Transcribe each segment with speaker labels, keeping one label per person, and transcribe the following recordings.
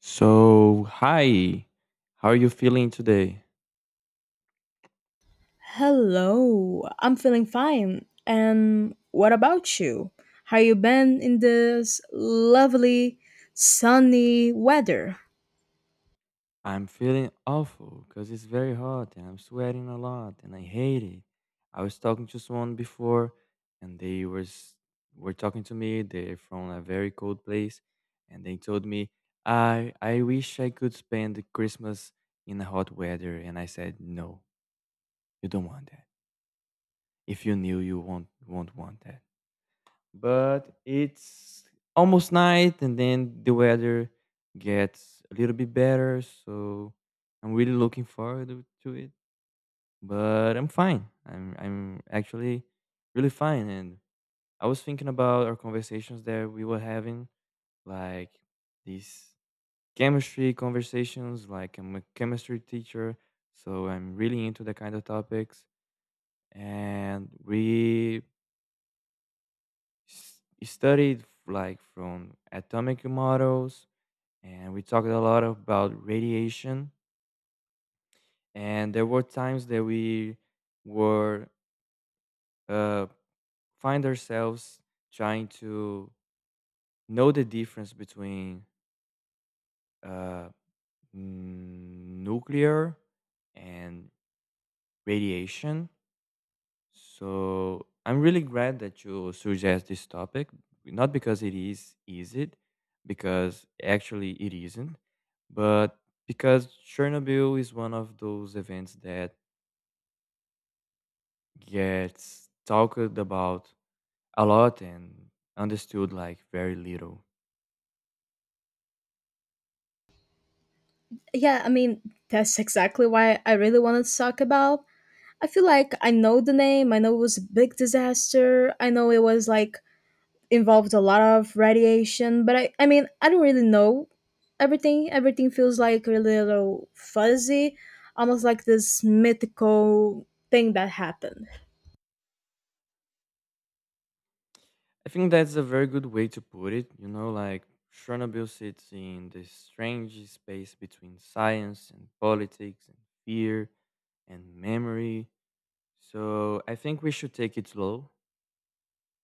Speaker 1: So, hi, how are you feeling today?
Speaker 2: Hello, I'm feeling fine. And what about you? How you been in this lovely sunny weather?
Speaker 1: I'm feeling awful because it's very hot and I'm sweating a lot and I hate it. I was talking to someone before and were talking to me. They're from a very cold place and they told me, I wish I could spend the Christmas in the hot weather. And I said, no, you don't want that. If you knew, you won't want that. But it's almost night and then the weather gets a little bit better, so I'm really looking forward to it. But I'm fine, I'm actually really fine. And I was thinking about our conversations that we were having, like these chemistry conversations. Like I'm a chemistry teacher, so I'm really into the kind of topics. And we studied like from atomic models, and we talked a lot about radiation. And there were times that we were, uh, find ourselves trying to know the difference between uh, nuclear and radiation. So I'm really glad that you suggest this topic, not because it is easy, because actually it isn't, but because Chernobyl is one of those events that gets talked about a lot and understood like very little.
Speaker 2: Yeah, that's exactly why I really wanted to talk about. I feel like I know the name, I know it was a big disaster, I know it was like involved a lot of radiation, but I don't really know everything. Everything feels like a little fuzzy, almost like this mythical thing that happened.
Speaker 1: I think that's a very good way to put it. You know, like Chernobyl sits in this strange space between science and politics and fear and memory. So I think we should take it slow.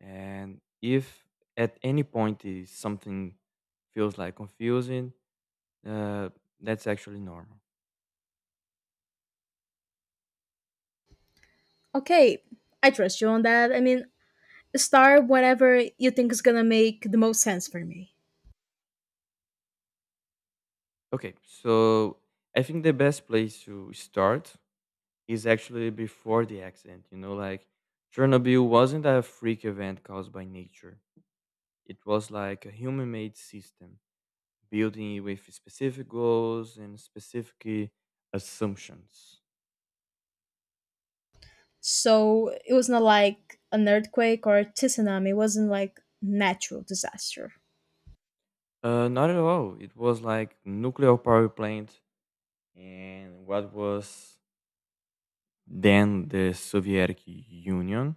Speaker 1: And if at any point is something feels like confusing, uh, that's actually normal.
Speaker 2: Okay, I trust you on that. I mean, start whatever you think is gonna make the most sense for me.
Speaker 1: Okay, so I think the best place to start is actually before the accident. You know, like Chernobyl wasn't a freak event caused by nature. It was like a human-made system, building with specific goals and specific assumptions.
Speaker 2: So it was not like an earthquake or a tsunami. It wasn't like natural disaster.
Speaker 1: Not at all. It was like nuclear power plant, and what was then the Soviet Union.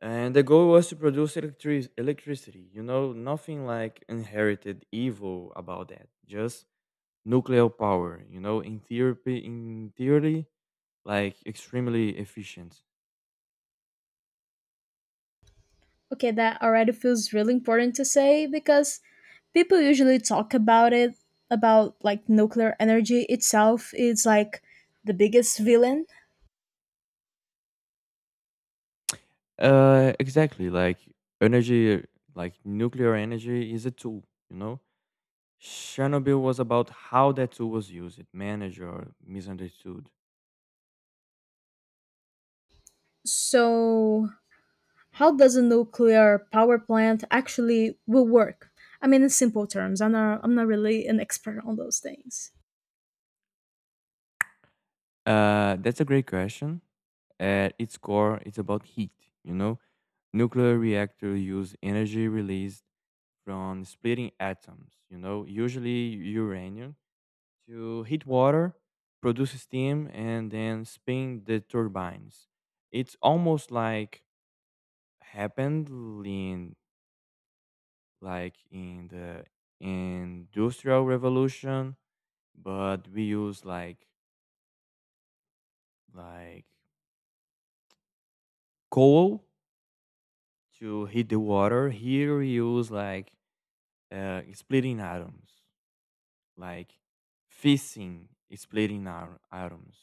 Speaker 1: And the goal was to produce electricity. You know, nothing like inherited evil about that. Just nuclear power. You know, in theory, like extremely efficient.
Speaker 2: Okay, that already feels really important to say because people usually talk about it about like nuclear energy itself is like the biggest villain.
Speaker 1: Exactly. Like energy, like nuclear energy is a tool. You know, Chernobyl was about how that tool was used, managed, or misunderstood.
Speaker 2: So how does a nuclear power plant actually will work? I mean, in simple terms, I'm not really an expert on those things.
Speaker 1: That's a great question. At its core, it's about heat. You know, nuclear reactors use energy released from splitting atoms. You know, usually uranium, to heat water, produce steam, and then spin the turbines. It's almost like happened in in the industrial revolution, but we use like coal to heat the water. Here we use splitting atoms, like fissing, splitting atoms,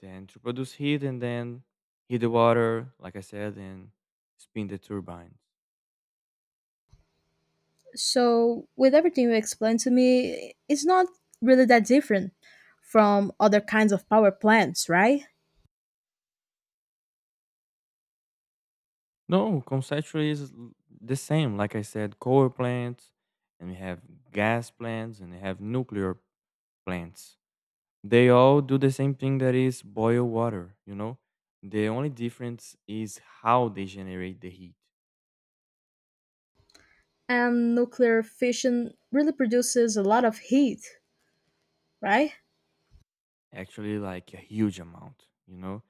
Speaker 1: then to produce heat and then heat the water, like I said, and spin the turbines.
Speaker 2: So with everything you explained to me, it's not really that different from other kinds of power plants, right?
Speaker 1: No, the same. Like I said, coal plants, and we have gas plants, and we have nuclear plants. They all do the same thing, that is boil water, you know? The only difference is how they generate the heat.
Speaker 2: And nuclear fission really produces a lot of heat, right?
Speaker 1: Actually, like a huge amount, you know?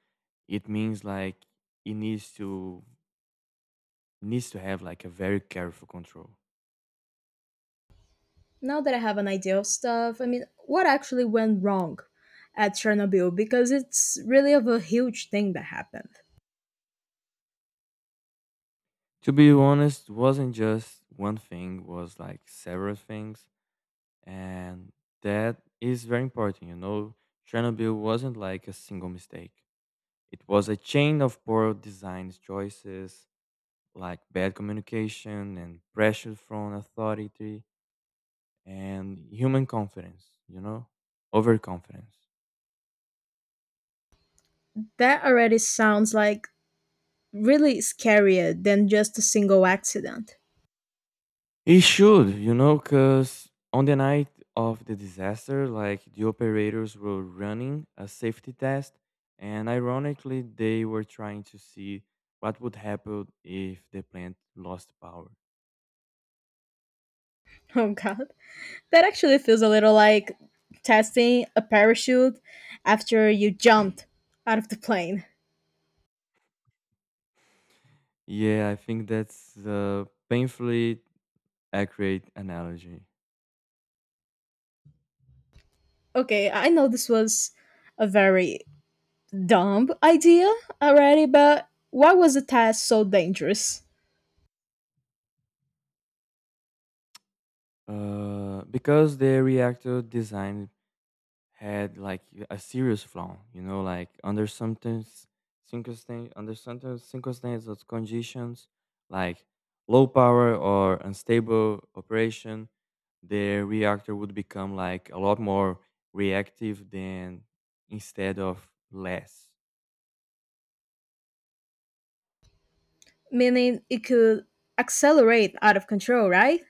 Speaker 1: It means like it needs to have like a very careful control.
Speaker 2: Now that I have an idea of stuff, I mean, what actually went wrong at Chernobyl? Because it's really of a huge thing that happened.
Speaker 1: To be honest, wasn't just one thing, was like several things. And that is very important, you know? Chernobyl wasn't like a single mistake. It was a chain of poor design choices, like bad communication and pressure from authority and human confidence, you know, overconfidence.
Speaker 2: That already sounds like really scarier than just a single accident.
Speaker 1: It should, you know, because on the night of the disaster, like the operators were running a safety test, and ironically, they were trying to see what would happen if the plant lost power.
Speaker 2: Oh god. That actually feels a little like testing a parachute after you jumped out of the plane.
Speaker 1: Yeah, I think that's a painfully accurate analogy.
Speaker 2: Okay, I know this was a very dumb idea already, but why was the test so dangerous?
Speaker 1: Because the reactor design had like a serious flaw, you know, like under certain circumstances or conditions, like low power or unstable operation, the reactor would become like a lot more reactive than instead of less.
Speaker 2: Meaning it could accelerate out of control, right?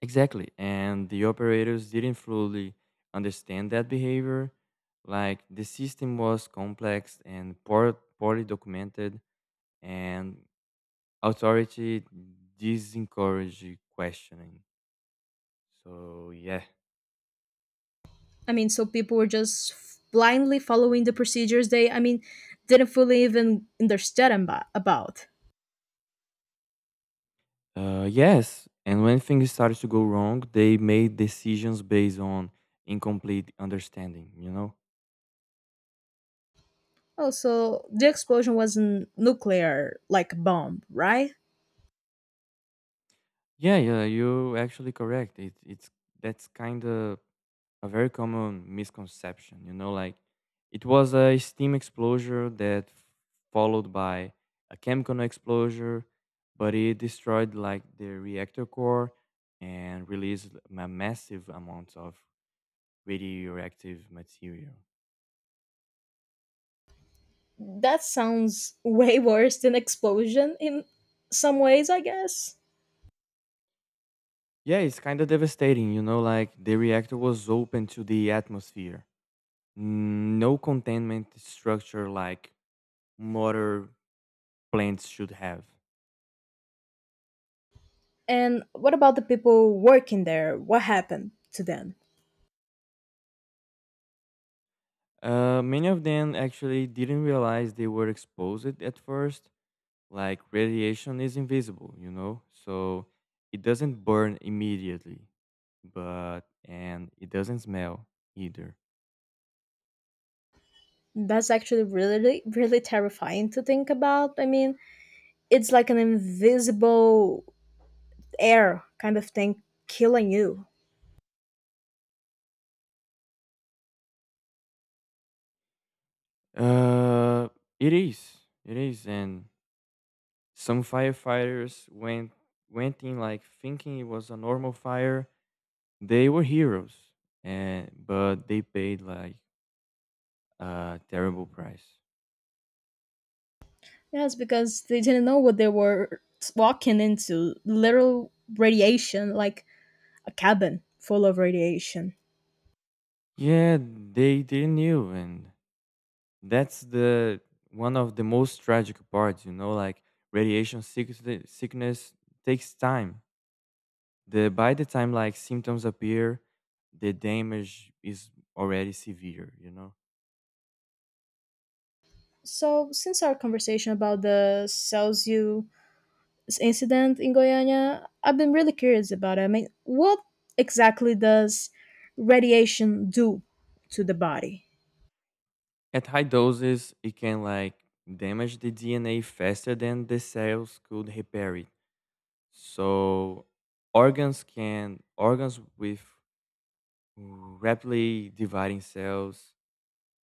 Speaker 1: Exactly. And the operators didn't fully understand that behavior. Like the system was complex and poorly documented, and authority disencourage questioning. So yeah.
Speaker 2: I mean, so people were just blindly following the procedures they, I mean, didn't fully even understand about.
Speaker 1: Yes, and when things started to go wrong, they made decisions based on incomplete understanding. You know.
Speaker 2: Oh, so the explosion wasn't nuclear, like a bomb, right?
Speaker 1: Yeah, yeah, you're actually correct. It, it's that's kind of a very common misconception. You know, like it was a steam explosion that followed by a chemical explosion, but it destroyed like the reactor core and released a massive amount of radioactive material.
Speaker 2: That sounds way worse than explosion in some ways, I guess.
Speaker 1: Yeah, it's kind of devastating. You know, like the reactor was open to the atmosphere. No containment structure like motor plants should have.
Speaker 2: And what about the people working there? What happened to them?
Speaker 1: Many of them actually didn't realize they were exposed at first. Like radiation is invisible, you know, so it doesn't burn immediately, but and it doesn't smell either.
Speaker 2: That's actually really, really terrifying to think about. I mean, it's like an invisible air kind of thing killing you.
Speaker 1: Uh, it is, it is, and some firefighters went in like thinking it was a normal fire. They were heroes, and but they paid like a terrible price.
Speaker 2: Yes, because they didn't know what they were walking into literal radiation, like a cabin full of radiation.
Speaker 1: Yeah, they didn't knew. And that's the one of the most tragic parts, you know, like radiation sickness takes time. The By the time like symptoms appear, the damage is already severe, you know.
Speaker 2: So, since our conversation about the Celsius incident in Goiânia, I've been really curious about it. I mean, what exactly does radiation do to the body?
Speaker 1: At high doses, it can like damage the DNA faster than the cells could repair it. So organs with rapidly dividing cells,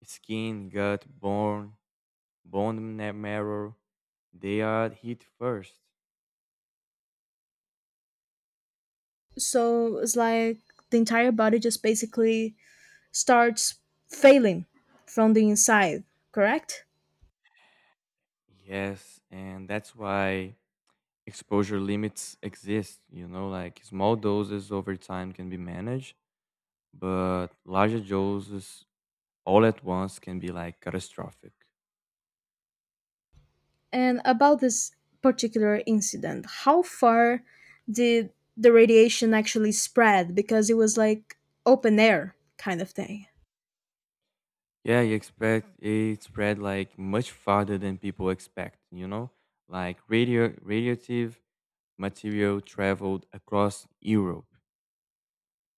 Speaker 1: skin, gut, bone marrow, they are hit first.
Speaker 2: So, it's like the entire body just basically starts failing from the inside, correct?
Speaker 1: Yes, and that's why exposure limits exist. You know, like small doses over time can be managed, but larger doses all at once can be like catastrophic.
Speaker 2: And about this particular incident, how far did the radiation actually spread? Because it was like open air kind of thing.
Speaker 1: Yeah, you expect it spread like much farther than people expect, you know? Like radioactive material traveled across Europe.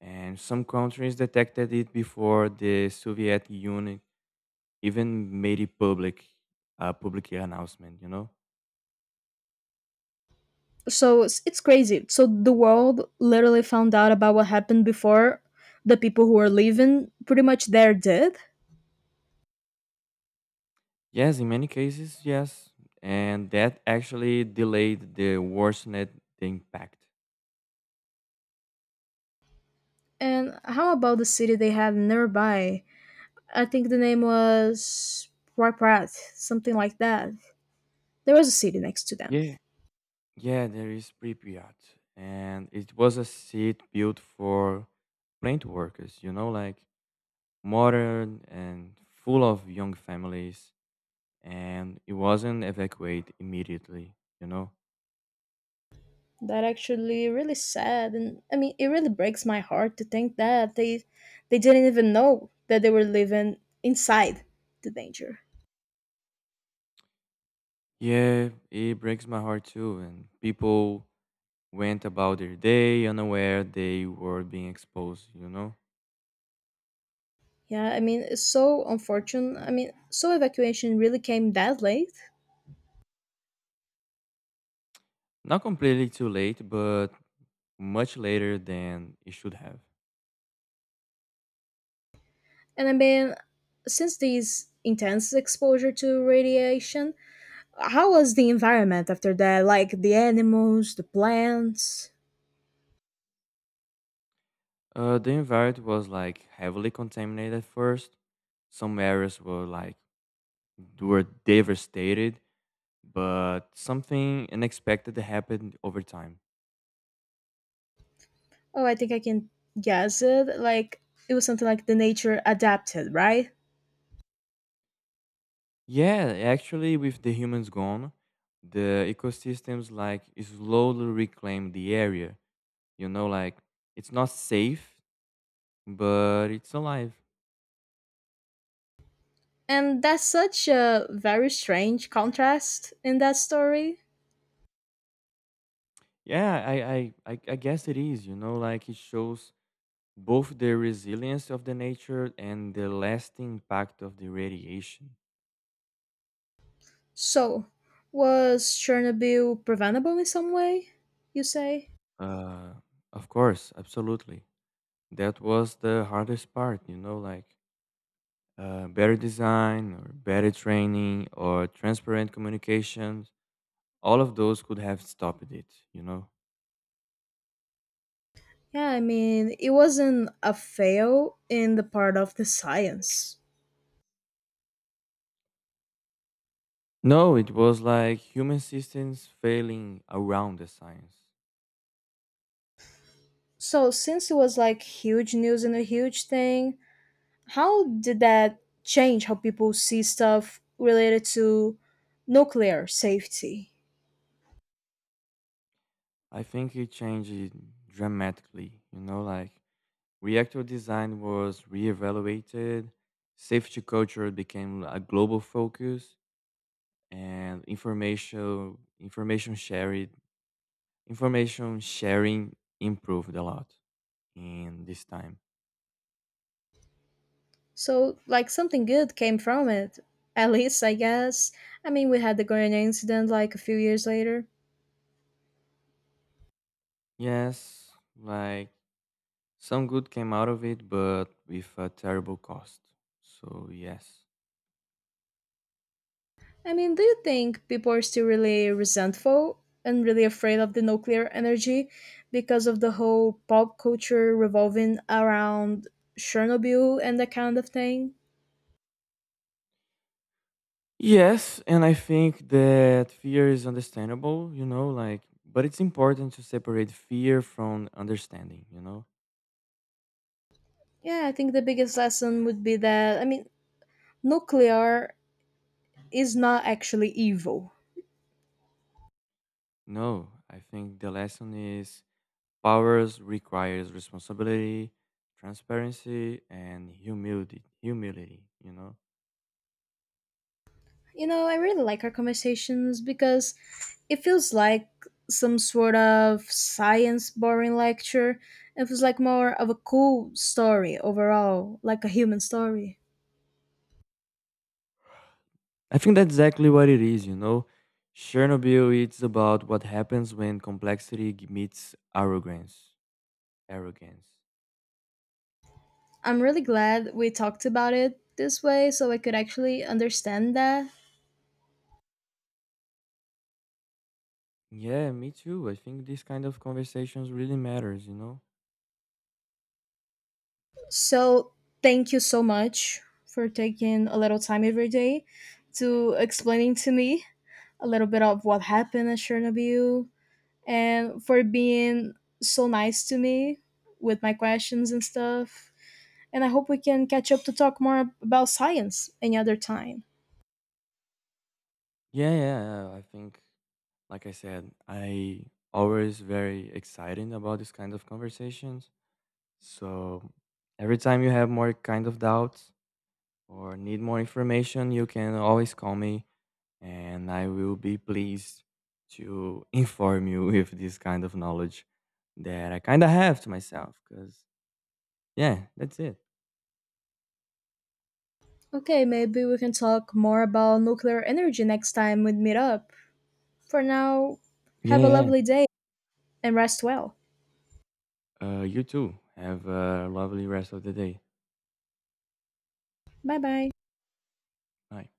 Speaker 1: And some countries detected it before the Soviet Union even made it public, a public announcement, you know?
Speaker 2: So it's crazy. So the world literally found out about what happened before the people who were living pretty much there did.
Speaker 1: Yes, in many cases, yes. And that actually delayed the worsened the impact.
Speaker 2: And how about the city they have nearby? I think the name was Pripyat, something like that. There was a city next to them.
Speaker 1: Yeah, yeah, there is Pripyat. And it was a seat built for plant workers, you know, like modern and full of young families. And it wasn't evacuated immediately, you know?
Speaker 2: That actually really sad, and I mean it really breaks my heart to think that they didn't even know that they were living inside the danger.
Speaker 1: Yeah, it breaks my heart too. And people went about their day unaware they were being exposed, you know?
Speaker 2: Yeah, I mean it's so unfortunate. I mean, so evacuation really came that late.
Speaker 1: Not completely too late, but much later than it should have.
Speaker 2: And I mean, since these intense exposure to radiation, how was the environment after that? Like the animals, the plants.
Speaker 1: The environment was like heavily contaminated at first. Some areas were devastated, but something unexpected happened over time.
Speaker 2: Oh, I think I can guess it. Like it was something like the nature adapted, right?
Speaker 1: Yeah, actually, with the humans gone, the ecosystems like slowly reclaim the area. You know, like it's not safe, but it's alive.
Speaker 2: And that's such a very strange contrast in that story.
Speaker 1: Yeah, I guess it is. You know, like it shows both the resilience of the nature and the lasting impact of the radiation.
Speaker 2: So, was Chernobyl preventable in some way, you say?
Speaker 1: Uh, of course, absolutely. That was the hardest part. You know, like better design or better training or transparent communications. All of those could have stopped it. You know.
Speaker 2: Yeah, I mean, it wasn't a fail in the part of the science.
Speaker 1: No, it was like human systems failing around the science.
Speaker 2: So, since it was like huge news and a huge thing, how did that change how people see stuff related to nuclear safety?
Speaker 1: I think it changed dramatically. You know, like reactor design was reevaluated, safety culture became a global focus, and information sharing improved a lot in this time.
Speaker 2: So, like, something good came from it. At least, I guess. I mean, we had the Guyana incident like a few years later.
Speaker 1: Yes, like some good came out of it, but with a terrible cost. So yes.
Speaker 2: I mean, do you think people are still really resentful and really afraid of the nuclear energy because of the whole pop culture revolving around Chernobyl and that kind of thing?
Speaker 1: Yes, and I think that fear is understandable, you know, like, but it's important to separate fear from understanding, you know?
Speaker 2: Yeah, I think the biggest lesson would be that, I mean, nuclear is not actually evil.
Speaker 1: No, I think the lesson is powers requires responsibility, transparency, and humility, you know?
Speaker 2: You know, I really like our conversations because it feels like some sort of science boring lecture. It feels like more of a cool story overall, like a human story.
Speaker 1: I think that's exactly what it is, you know? Chernobyl, it's about what happens when complexity meets arrogance. Arrogance.
Speaker 2: I'm really glad we talked about it this way so I could actually understand that.
Speaker 1: Yeah, me too. I think these kind of conversations really matters, you know?
Speaker 2: So, thank you so much for taking a little time every day to explaining to me a little bit of what happened at Chernobyl and for being so nice to me with my questions and stuff. And I hope we can catch up to talk more about science any other time.
Speaker 1: Yeah, yeah, yeah. I think, like I said, I always very excited about this kind of conversations. So every time you have more kind of doubts or need more information, you can always call me, and I will be pleased to inform you with this kind of knowledge that I kind of have to myself. Cause yeah, that's it.
Speaker 2: Okay, maybe we can talk more about nuclear energy next time we meet up. For now,
Speaker 1: Yeah,
Speaker 2: have a
Speaker 1: yeah.
Speaker 2: lovely day and rest well.
Speaker 1: You too. Have a lovely rest of the day.
Speaker 2: Bye bye.
Speaker 1: Bye.